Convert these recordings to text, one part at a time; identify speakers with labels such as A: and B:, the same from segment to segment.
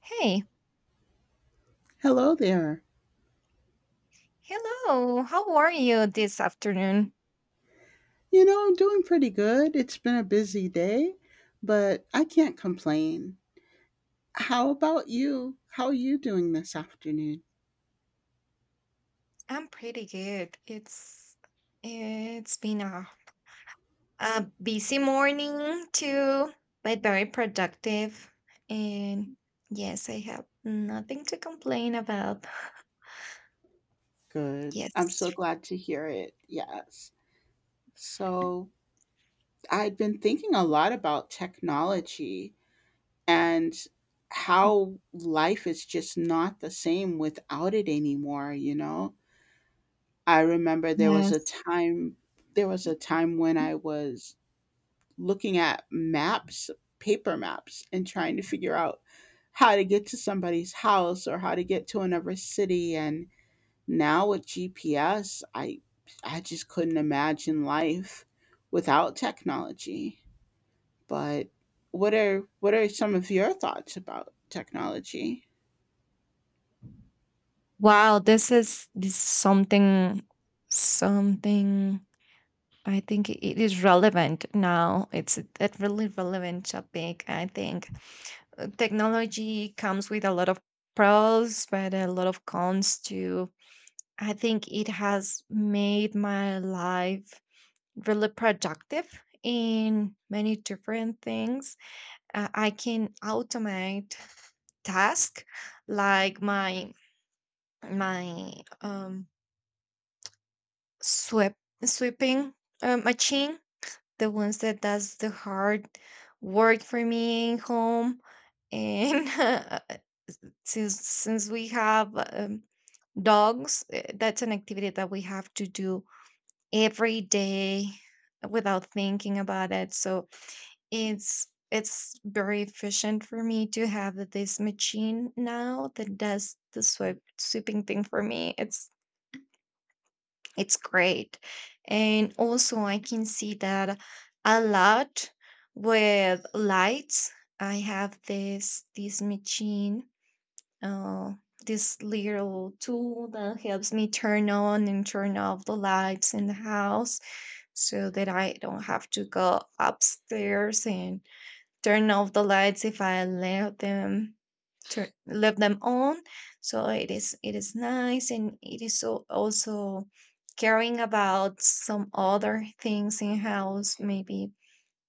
A: Hey,
B: Hello there.
A: hello. How are you this afternoon?
B: You know, I'm doing pretty good. It's been a busy day, but I can't complain. How about you? How are you doing this afternoon?
A: I'm pretty good. It's been a A busy morning too, but very productive and yes, I have nothing to complain about.
B: Good. I'm
A: Yes.
B: so glad to hear it. Yes. So, I've been thinking a lot about technology and how life is just not the same without it anymore, you know? I remember there was a
A: Yes.
B: time there was a time when I was looking at maps, paper maps, and trying to figure out how to get to somebody's house or how to get to another city. And now with GPS, I just couldn't imagine life without technology. But what are some of your thoughts about technology?
A: Wow, this is something something I think it is relevant now. It's a really relevant topic, I think. Technology comes with a lot of pros, but a lot of cons too. I think it has made my life really productive in many different things. I can automate tasks like my um, sweep sweeping machine, the ones that does the hard work for me in home and since we have dogs, that's an activity that we have to do every day without thinking about it. So it's very efficient for me to have this machine now that does the sweeping thing for me. It's great. And also I can see that a lot with lights. I have this machine, uh, this little tool that helps me turn on and turn off the lights in the house so that I don't have to go upstairs and turn off the lights if I left them left them on. So it is nice and it is so also caring about some other things in house, maybe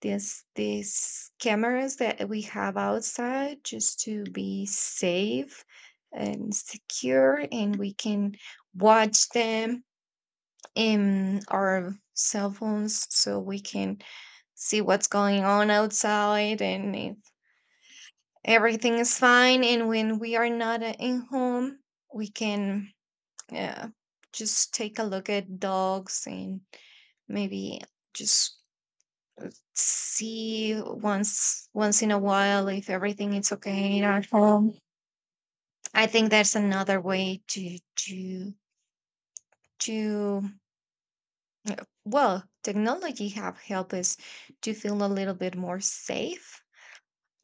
A: these cameras that we have outside just to be safe and secure, and we can watch them in our cell phones so we can see what's going on outside and if everything is fine. And when we are not in home, we can uh, just take a look at dogs and maybe just see once in a while if everything is okay at home. I think that's another way to to well, technology have helped us to feel a little bit more safe.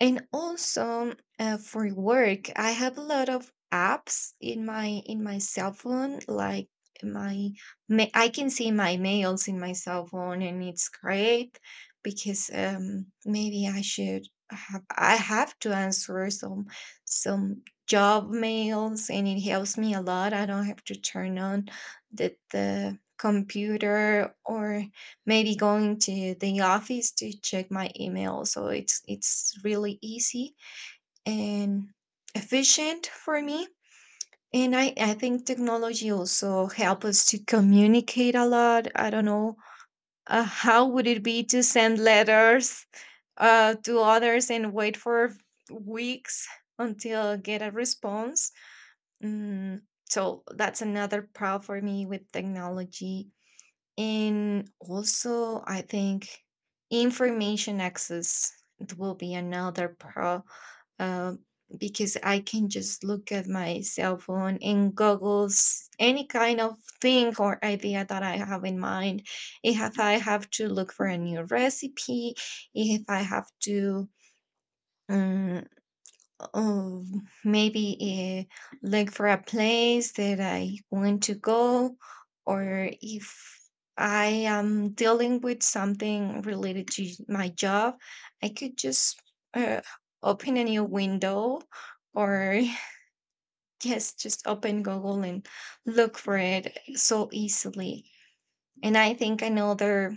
A: And also, for work, I have a lot of apps in my cell phone. Like my, I can see my mails in my cell phone, and it's great because maybe I have to answer some job mails, and it helps me a lot. I don't have to turn on the computer or maybe going to the office to check my email. So it's really easy and efficient for me. And I think technology also help us to communicate a lot. I don't know how would it be to send letters to others and wait for weeks until get a response. Mm, so that's another problem for me with technology. And also, I think information access it will be another pro, uh, because I can just look at my cell phone and Google's any kind of thing or idea that I have in mind. If I have to look for a new recipe, if I have to um, oh, maybe look for a place that I want to go, or if I am dealing with something related to my job, I could just uh, open a new window or yes, just open Google and look for it so easily. And I think another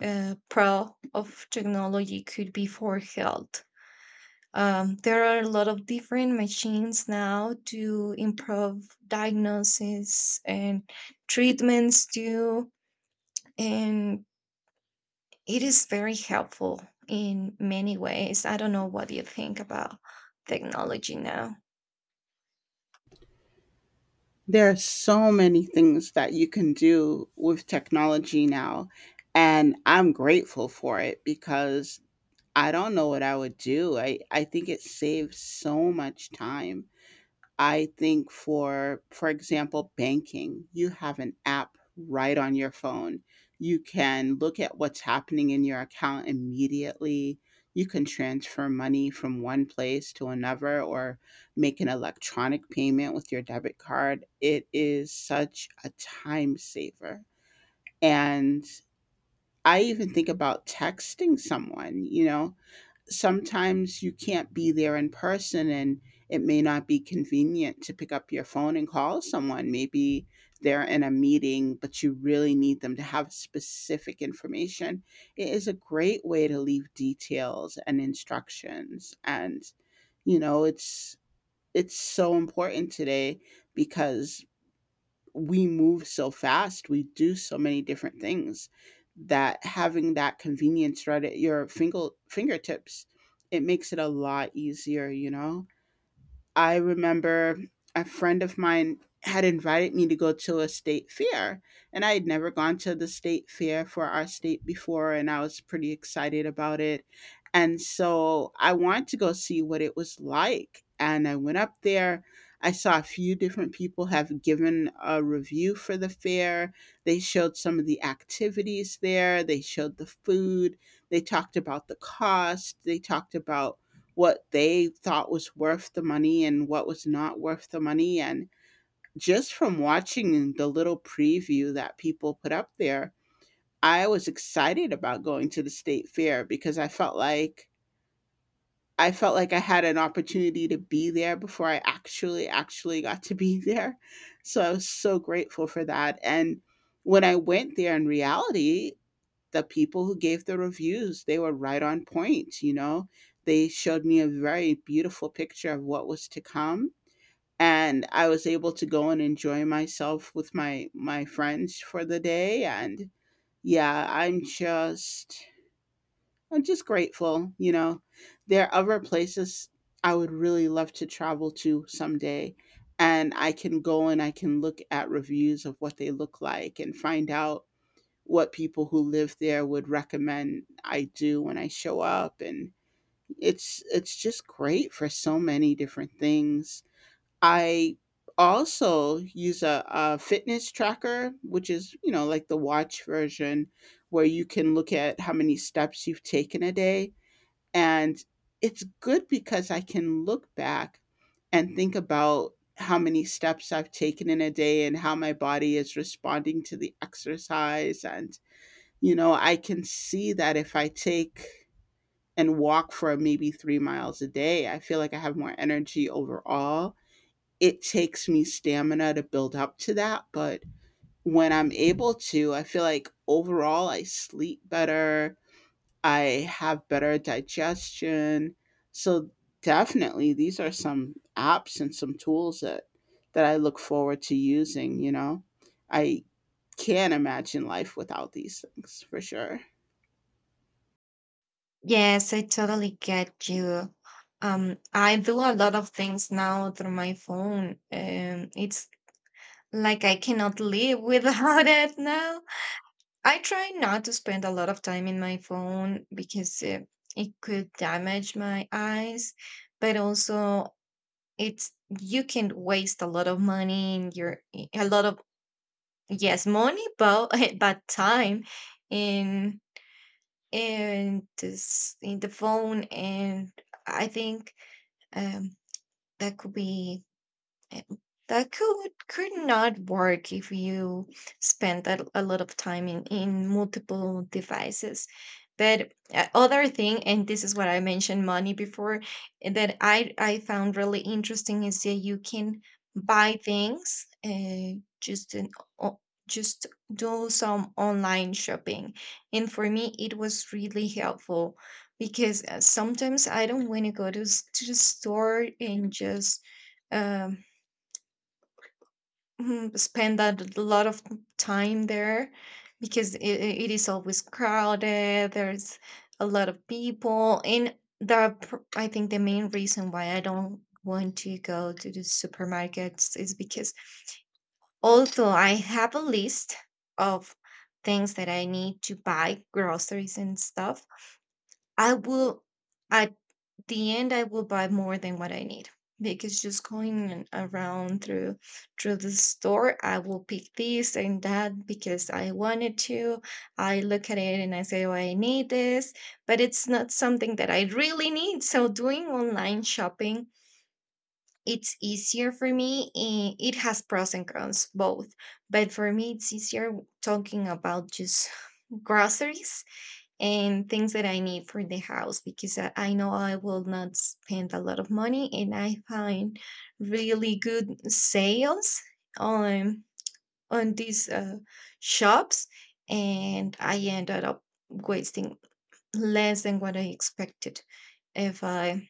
A: pro of technology could be for health. There are a lot of different machines now to improve diagnosis and treatments too, and it is very helpful in many ways. I don't know what you think about technology now.
B: There are so many things that you can do with technology now, and I'm grateful for it because I don't know what I would do. I think it saves so much time. I think for example, banking, you have an app right on your phone. You can look at what's happening in your account immediately. You can transfer money from one place to another or make an electronic payment with your debit card. It is such a time saver. And I even think about texting someone, sometimes you can't be there in person and it may not be convenient to pick up your phone and call someone. Maybe they're in a meeting, but you really need them to have specific information. It is a great way to leave details and instructions. And, you know, it's it's so important today because we move so fast, we do so many different things that having that convenience right at your fingertips, it makes it a lot easier, you know? I remember a friend of mine had invited me to go to a state fair, and I had never gone to the state fair for our state before, and I was pretty excited about it. And so I wanted to go see what it was like. And I went up there. I saw a few different people have given a review for the fair. They showed some of the activities there, they showed the food, they talked about the cost, they talked about what they thought was worth the money and what was not worth the money. And just from watching the little preview that people put up there, I was excited about going to the state fair because I felt like I had an opportunity to be there before I actually got to be there. So I was so grateful for that. And when I went there in reality, the people who gave the reviews they were right on point, you know They showed me a very beautiful picture of what was to come, and I was able to go and enjoy myself with my friends for the day. And yeah, I'm just grateful, you know? There are other places I would really love to travel to someday, and I can go and I can look at reviews of what they look like and find out what people who live there would recommend I do when I show up, and it's just great for so many different things. I also use a fitness tracker, which is, like the watch version where you can look at how many steps you've taken a day. And it's good because I can look back and think about how many steps I've taken in a day and how my body is responding to the exercise. And, you know, I can see that if I take and walk for maybe 3 miles a day, I feel like I have more energy overall. It takes me stamina to build up to that. But when I'm able to, I feel like overall I sleep better, I have better digestion. So definitely these are some apps and some tools that I look forward to using, you know. I can't imagine life without these things for sure.
A: Yes, I totally get you. I do a lot of things now through my phone. It's like I cannot live without it now. I try not to spend a lot of time in my phone because it could damage my eyes, but also it's you can waste a lot of money in your a lot of yes money but but time in in this in the phone. And I think um that could be uh, that could not work if you spend a lot of time in multiple devices. But other thing, and this is what I mentioned money before, that I found really interesting is that you can buy things just o- just do some online shopping. And for me, it was really helpful because sometimes I don't want to go to to the store and just. Um, Mhm, spend that a lot of time there because it is always crowded, there's a lot of people, and the pr I think the main reason why I don't want to go to the supermarkets is because although I have a list of things that I need to buy, groceries and stuff, I will I the end I will buy more than what I need because just going around through the store I will pick this and that because I wanted to. I look at it and I say, "Oh, I need this," but it's not something that I really need. So doing online shopping, it's easier for me. It has pros and cons both, but for me it's easier talking about just groceries and things that I need for the house because I know I will not spend a lot of money and I find really good sales on on these shops and I ended up wasting less than what I expected if I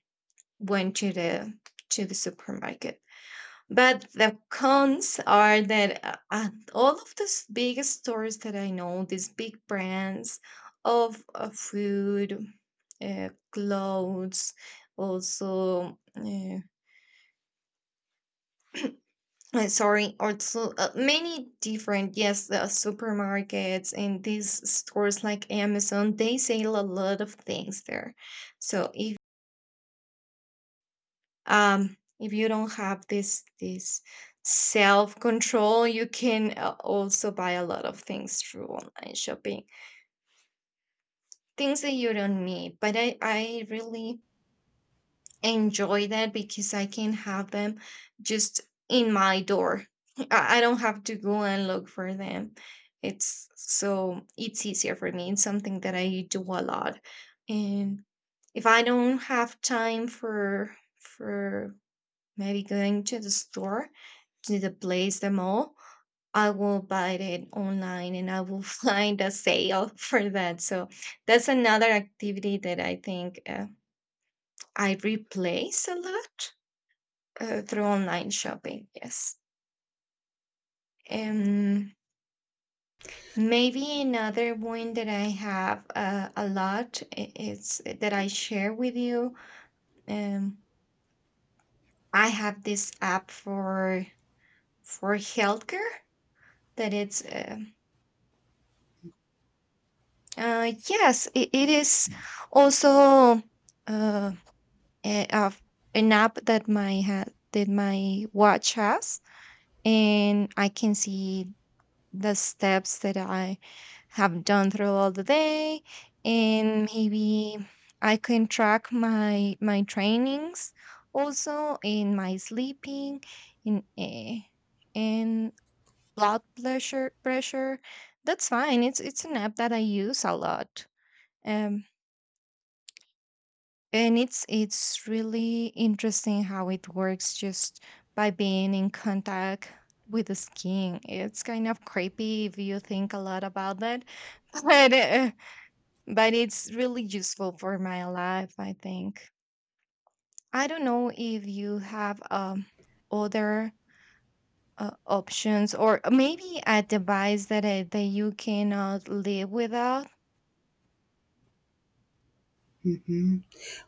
A: went to the supermarket. But the cons are that all of these big stores that I know, these big brands of food, clothes, also, sorry, also many different, yes, the supermarkets and these stores like Amazon, they sell a lot of things there. So if you don't have this self control, you can also buy a lot of things through online shopping, things that you don't need. But I really enjoy that because I can have them just in my door. I don't have to go and look for them. It's so it's easier for me. It's something that I do a lot, and if I don't have time for maybe going to the store to the place the mall, I will buy it online and I will find a sale for that. So that's another activity that I think I replace a lot, through online shopping. Yes, um maybe another one that I have, a lot, it's that I share with you. um I have this app for healthcare that it's yes, it is also uh, a, a- an app that that my watch has, and I can see the steps that I have done throughout the day, and maybe I can track my trainings, also in my sleeping in and blood pressure. That's fine. It's an app that I use a lot. Um, and it's really interesting how it works just by being in contact with the skin. It's kind of creepy if you think a lot about that, but uh, but it's really useful for my life, I think. I don't know if you have other options or maybe a device that that you cannot live without.
B: Hmm.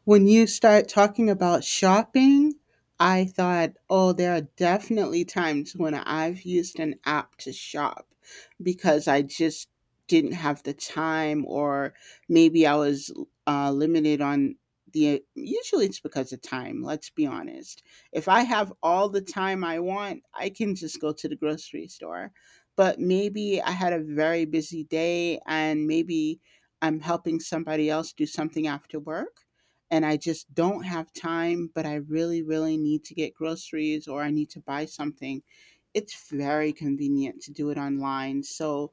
B: When you start talking about shopping, I thought, oh, there are definitely times when I've used an app to shop because I just didn't have the time, or maybe I was limited on the. Usually it's because of time, let's be honest. If I have all the time I want, I can just go to the grocery store. But maybe I had a very busy day and maybe I'm helping somebody else do something after work and I just don't have time, but I really, really need to get groceries or I need to buy something. It's very convenient to do it online. So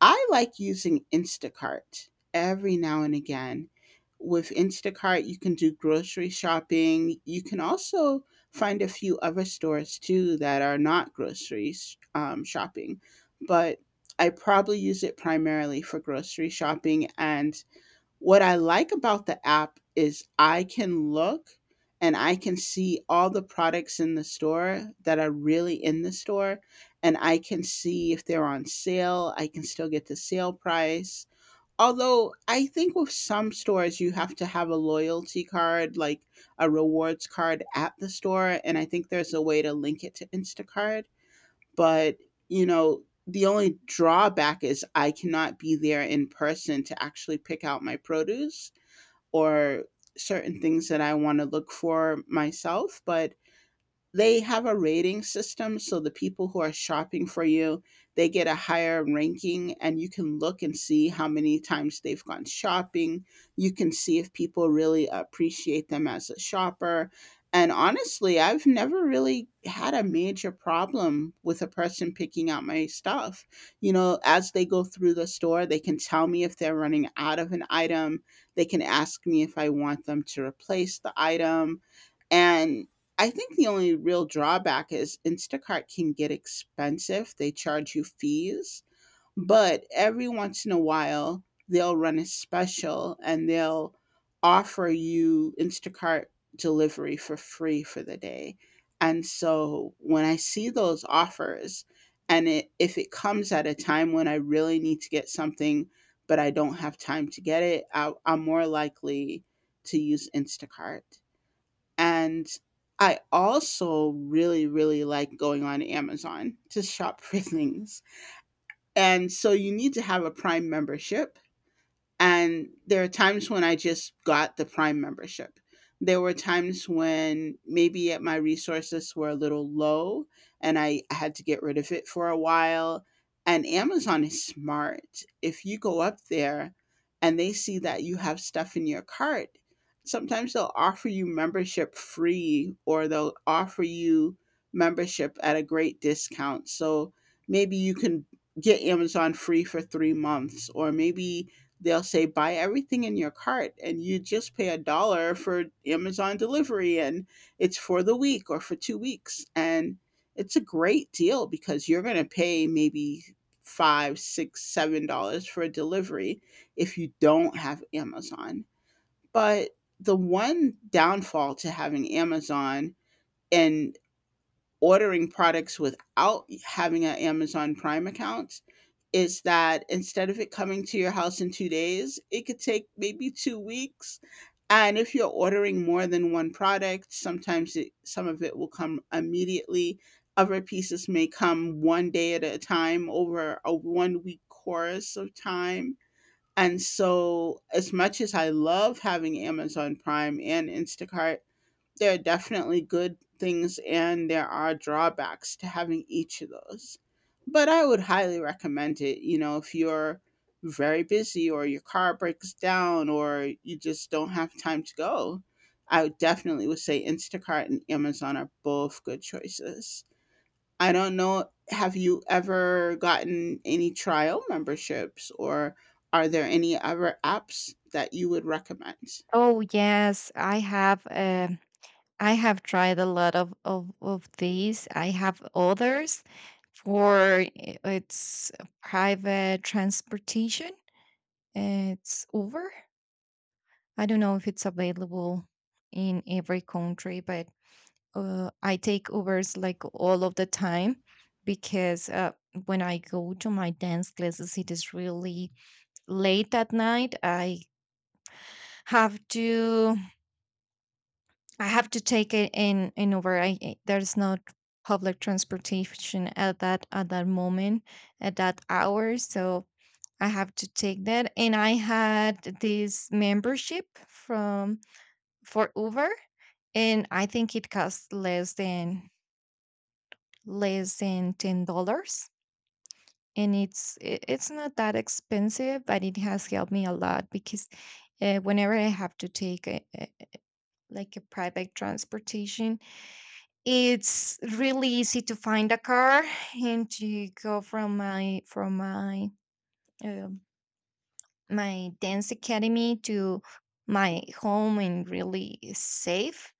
B: I like using Instacart every now and again. With Instacart, you can do grocery shopping. You can also find a few other stores too that are not grocery shopping, but I probably use it primarily for grocery shopping. And what I like about the app is I can look and I can see all the products in the store that are really in the store, and I can see if they're on sale. I can still get the sale price. Although I think with some stores you have to have a loyalty card, like a rewards card at the store, and I think there's a way to link it to Instacart, but the only drawback is I cannot be there in person to actually pick out my produce or certain things that I want to look for myself. But they have a rating system, so the people who are shopping for you, they get a higher ranking and you can look and see how many times they've gone shopping. You can see if people really appreciate them as a shopper, and honestly, I've never really had a major problem with a person picking out my stuff. You know, as they go through the store, they can tell me if they're running out of an item. They can ask me if I want them to replace the item. And I think the only real drawback is Instacart can get expensive. They charge you fees, but every once in a while, they'll run a special and they'll offer you Instacart delivery for free for the day. And so when I see those offers, and if it comes at a time when I really need to get something, but I don't have time to get it, I'm more likely to use Instacart. And I also really, really like going on Amazon to shop for things. And so you need to have a Prime membership, and there are times when I just got the Prime membership. There were times when maybe at my resources were a little low and I had to get rid of it for a while. And Amazon is smart. If you go up there and they see that you have stuff in your cart, sometimes they'll offer you membership free or they'll offer you membership at a great discount. So maybe you can get Amazon free for 3 months, or maybe they'll say buy everything in your cart and you just pay a dollar for Amazon delivery, and it's for the week or for 2 weeks. And it's a great deal because you're going to pay maybe five, six, $7 for a delivery if you don't have Amazon. But the one downfall to having Amazon and ordering products without having an Amazon Prime account is that instead of it coming to your house in 2 days, it could take maybe 2 weeks. And if you're ordering more than one product, sometimes some of it will come immediately. Other pieces may come one day at a time over a one week course of time. And so, as much as I love having Amazon Prime and Instacart, there are definitely good things and there are drawbacks to having each of those. But I would highly recommend it. You know, if you're very busy or your car breaks down or you just don't have time to go, I would definitely would say Instacart and Amazon are both good choices. I don't know, have you ever gotten any trial memberships or are there any other apps that you would recommend?
A: Oh yes, I have. I have tried a lot of these. I have others for it's private transportation. It's Uber. I don't know if it's available in every country, but I take Ubers like all of the time because when I go to my dance classes, it is really late at night. Have to I have to take it in Uber. There's no public transportation at that moment at that hour, so I have to take that. And I had this membership from for Uber, and I think it costs less than $10. And it's it's not that expensive, but it has helped me a lot because whenever I have to take like a private transportation, it's really easy to find a car and to go from my um, my dance academy to my home, and really is safe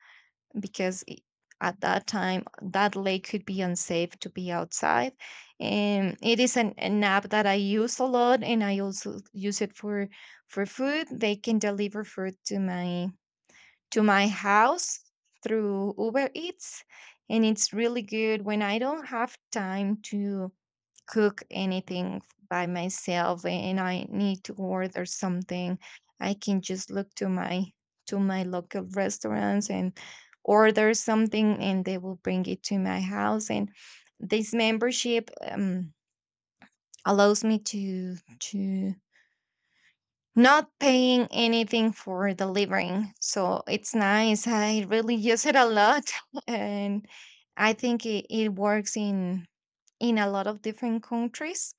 A: because at that time that lake could be unsafe to be outside. And it is an app that I use a lot, and I also use it for food. They can deliver food to my house through Uber Eats. And it's really good when I don't have time to cook anything by myself and I need to order something. I can just look to my local restaurants and order something and they will bring it to my house. And this membership, allows me to not paying anything for delivering. So it's nice. I really use it a lot, and I think it works in a lot of different countries.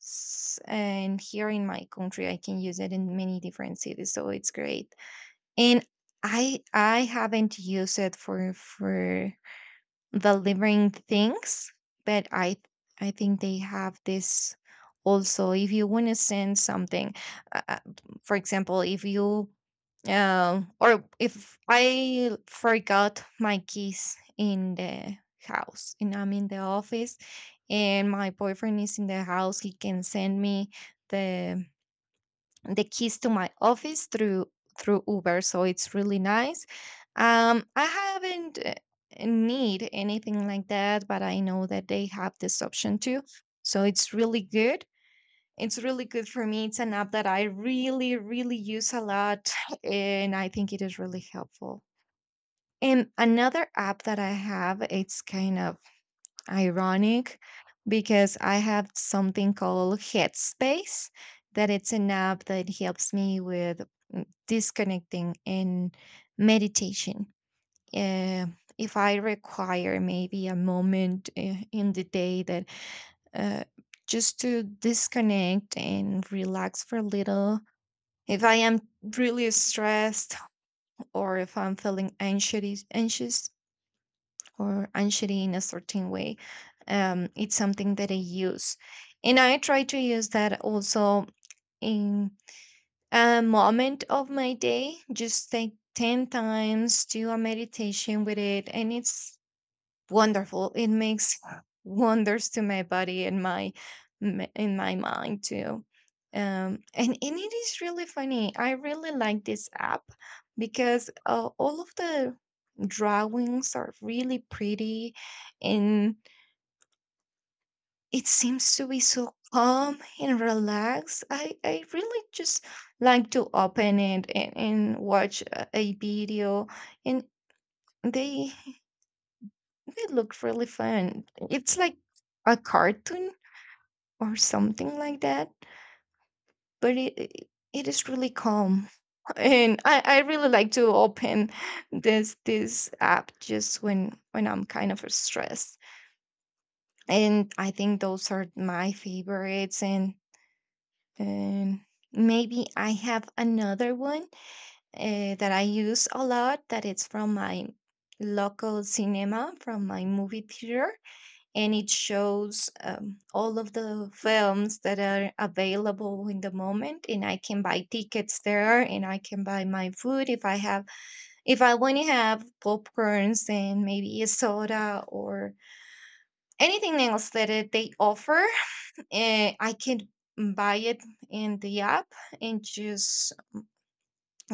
A: And here in my country, I can use it in many different cities. So it's great. And I haven't used it for delivering things, but I think they have this also if you want to send something uh, uh, for example, if you or if I forgot my keys in the house and I'm in the office, and my boyfriend is in the house, he can send me the the keys to my office through Uber, so it's really nice. I haven't need anything like that, but I know that they have this option too, so it's really good. It's really good for me. It's an app that I really, really use a lot, and I think it is really helpful. And another app that I have, it's kind of ironic, because I have something called Headspace, that it's an app that helps me with disconnecting and meditation. Uh, if I require maybe a moment in the day that uh, just to disconnect and relax for a little, if I am really stressed, or if I'm feeling anxious, anxious, or anxiety in a certain way. It's something that I use. And I try to use that also in a moment of my day, just like 10 times, do a meditation with it. And it's wonderful. It makes wonders to my body and my in my mind too. And it is really funny. I really like this app because all of the drawings are really pretty, and it seems to be so calm and relaxed. I really just like to open it, and watch a video, and they. It looked really fun. It's like a cartoon or something like that, but it is really calm. And I really like to open this app just when I'm kind of stressed. And I think those are my favorites. And maybe I have another one that I use a lot. That it's from my local cinema, from my movie theater, and it shows all of the films that are available in the moment, and I can buy tickets there, and I can buy my food if I have, if I want to have popcorns and maybe a soda or anything else that it, they offer. I can buy it in the app and just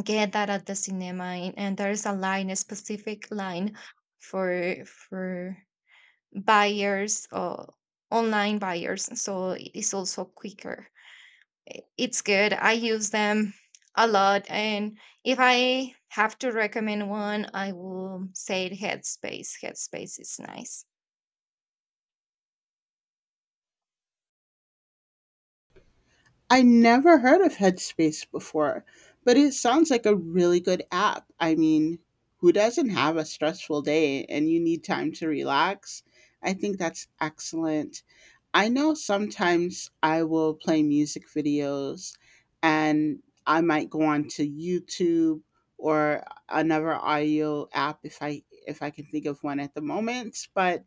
A: get that at the cinema, and there's a line, a specific line for buyers, online buyers, so it is also quicker. It's good. I use them a lot. And if I have to recommend one, I will say Headspace. Headspace is nice.
B: I never heard of Headspace before, but it sounds like a really good app. I mean, who doesn't have a stressful day and you need time to relax? I think that's excellent. I know sometimes I will play music videos, and I might go on to YouTube or another audio app if I can think of one at the moment, but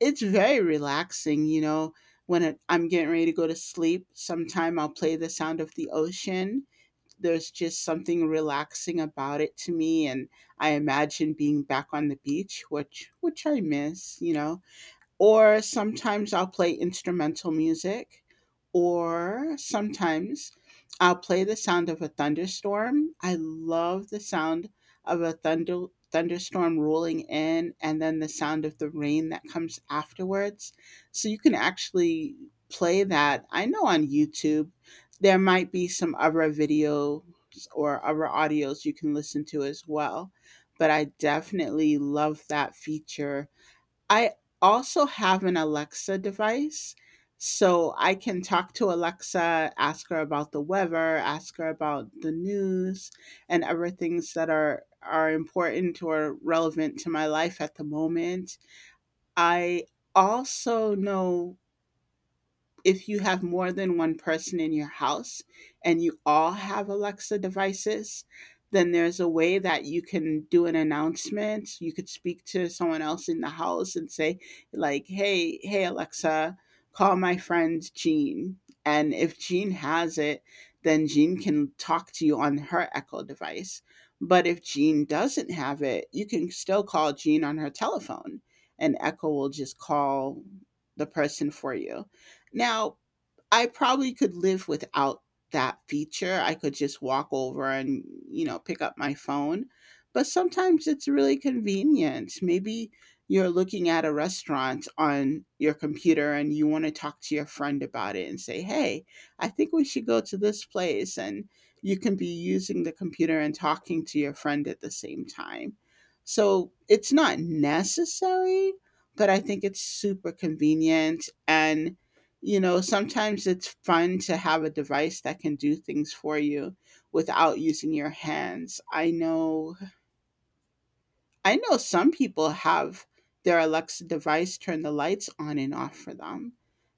B: it's very relaxing, you know, I'm getting ready to go to sleep. Sometime I'll play the sound of the ocean. There's just something relaxing about it to me, and I imagine being back on the beach, which I miss, you know. Or sometimes I'll play instrumental music, or sometimes I'll play the sound of a thunderstorm. I love the sound of a thunderstorm rolling in, and then the sound of the rain that comes afterwards. So you can actually play that. I know on YouTube there might be some other videos or other audios you can listen to as well, but I definitely love that feature. I also have an Alexa device, so I can talk to Alexa, ask her about the weather, ask her about the news, and other things that are important or relevant to my life at the moment. I also know if you have more than one person in your house and you all have Alexa devices, then there's a way that you can do an announcement. You could speak to someone else in the house and say, like, hey, Alexa, call my friend Jean. And if Jean has it, then Jean can talk to you on her Echo device. But if Jean doesn't have it, you can still call Jean on her telephone, and Echo will just call the person for you. Now, I probably could live without that feature. I could just walk over and, you know, pick up my phone. But sometimes it's really convenient. Maybe you're looking at a restaurant on your computer and you want to talk to your friend about it and say, hey, I think we should go to this place. And you can be using the computer and talking to your friend at the same time. So it's not necessary, but I think it's super convenient. And you know, sometimes it's fun to have a device that can do things for you without using your hands. I know some people have their Alexa device turn the lights on and off for them.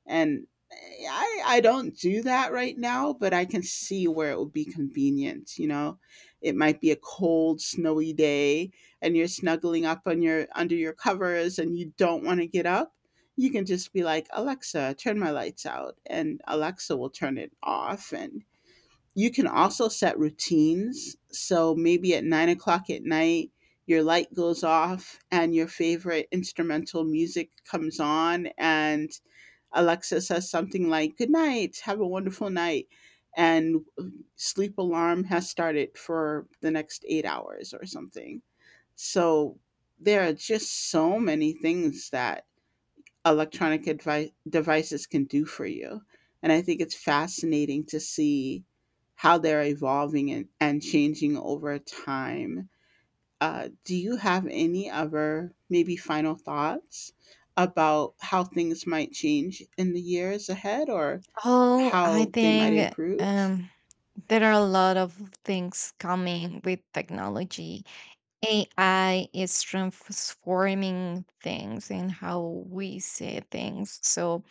B: And I don't do that right now, but I can see where it would be convenient. You know, it might be a cold, snowy day and you're snuggling up on your under your covers and you don't want to get up. You can just be like, Alexa, turn my lights out. And Alexa will turn it off. And you can also set routines. So maybe at 9 o'clock at night, your light goes off and your favorite instrumental music comes on, and Alexa says something like, good night, have a wonderful night. And sleep alarm has started for the next 8 hours or something. So there are just so many things that devices can do for you. And I think it's fascinating to see how they're evolving and, changing over time. Do you have any other, maybe, final thoughts about how things might change in the years ahead, or
A: Oh, I
B: how they might
A: think,
B: improve?
A: um there are a lot of things coming with technology. AI is transforming things and how we see things. So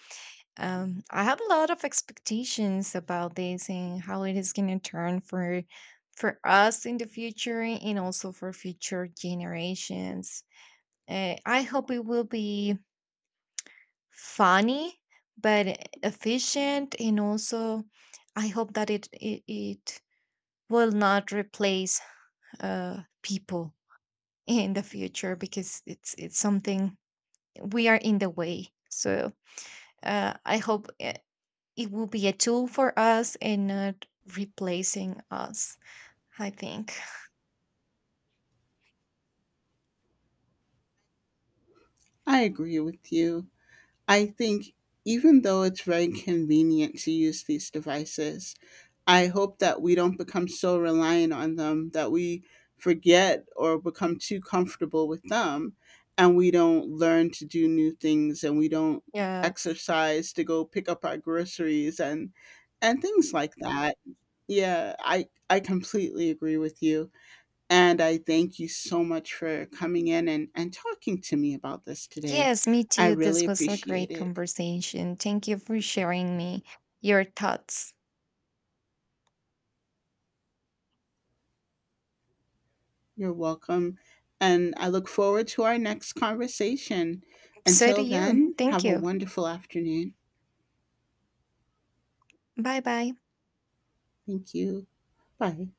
A: I have a lot of expectations about this and how it is going to turn for us in the future, and also for future generations. I hope it will be funny but efficient, and also I hope that it will not replace people in the future, because it's something we are in the way. So I hope, it will be a tool for us and not replacing us, I think.
B: I agree with you. I think even though it's very convenient to use these devices, I hope that we don't become so reliant on them that we forget or become too comfortable with them, and we don't learn to do new things, and we don't
A: Yes.
B: exercise to go pick up our groceries and things like that. Yeah, I completely agree with you. And I thank you so much for coming in and, talking to me about this today.
A: Yes, me
B: I
A: too.
B: really
A: This was a
B: appreciate
A: great
B: it.
A: conversation. Thank you for sharing me your thoughts.
B: You're welcome. And I look forward to our next conversation.
A: So do
B: Until
A: you.
B: then,
A: Thank
B: have a
A: you.
B: wonderful afternoon.
A: Bye bye.
B: Thank you. Bye.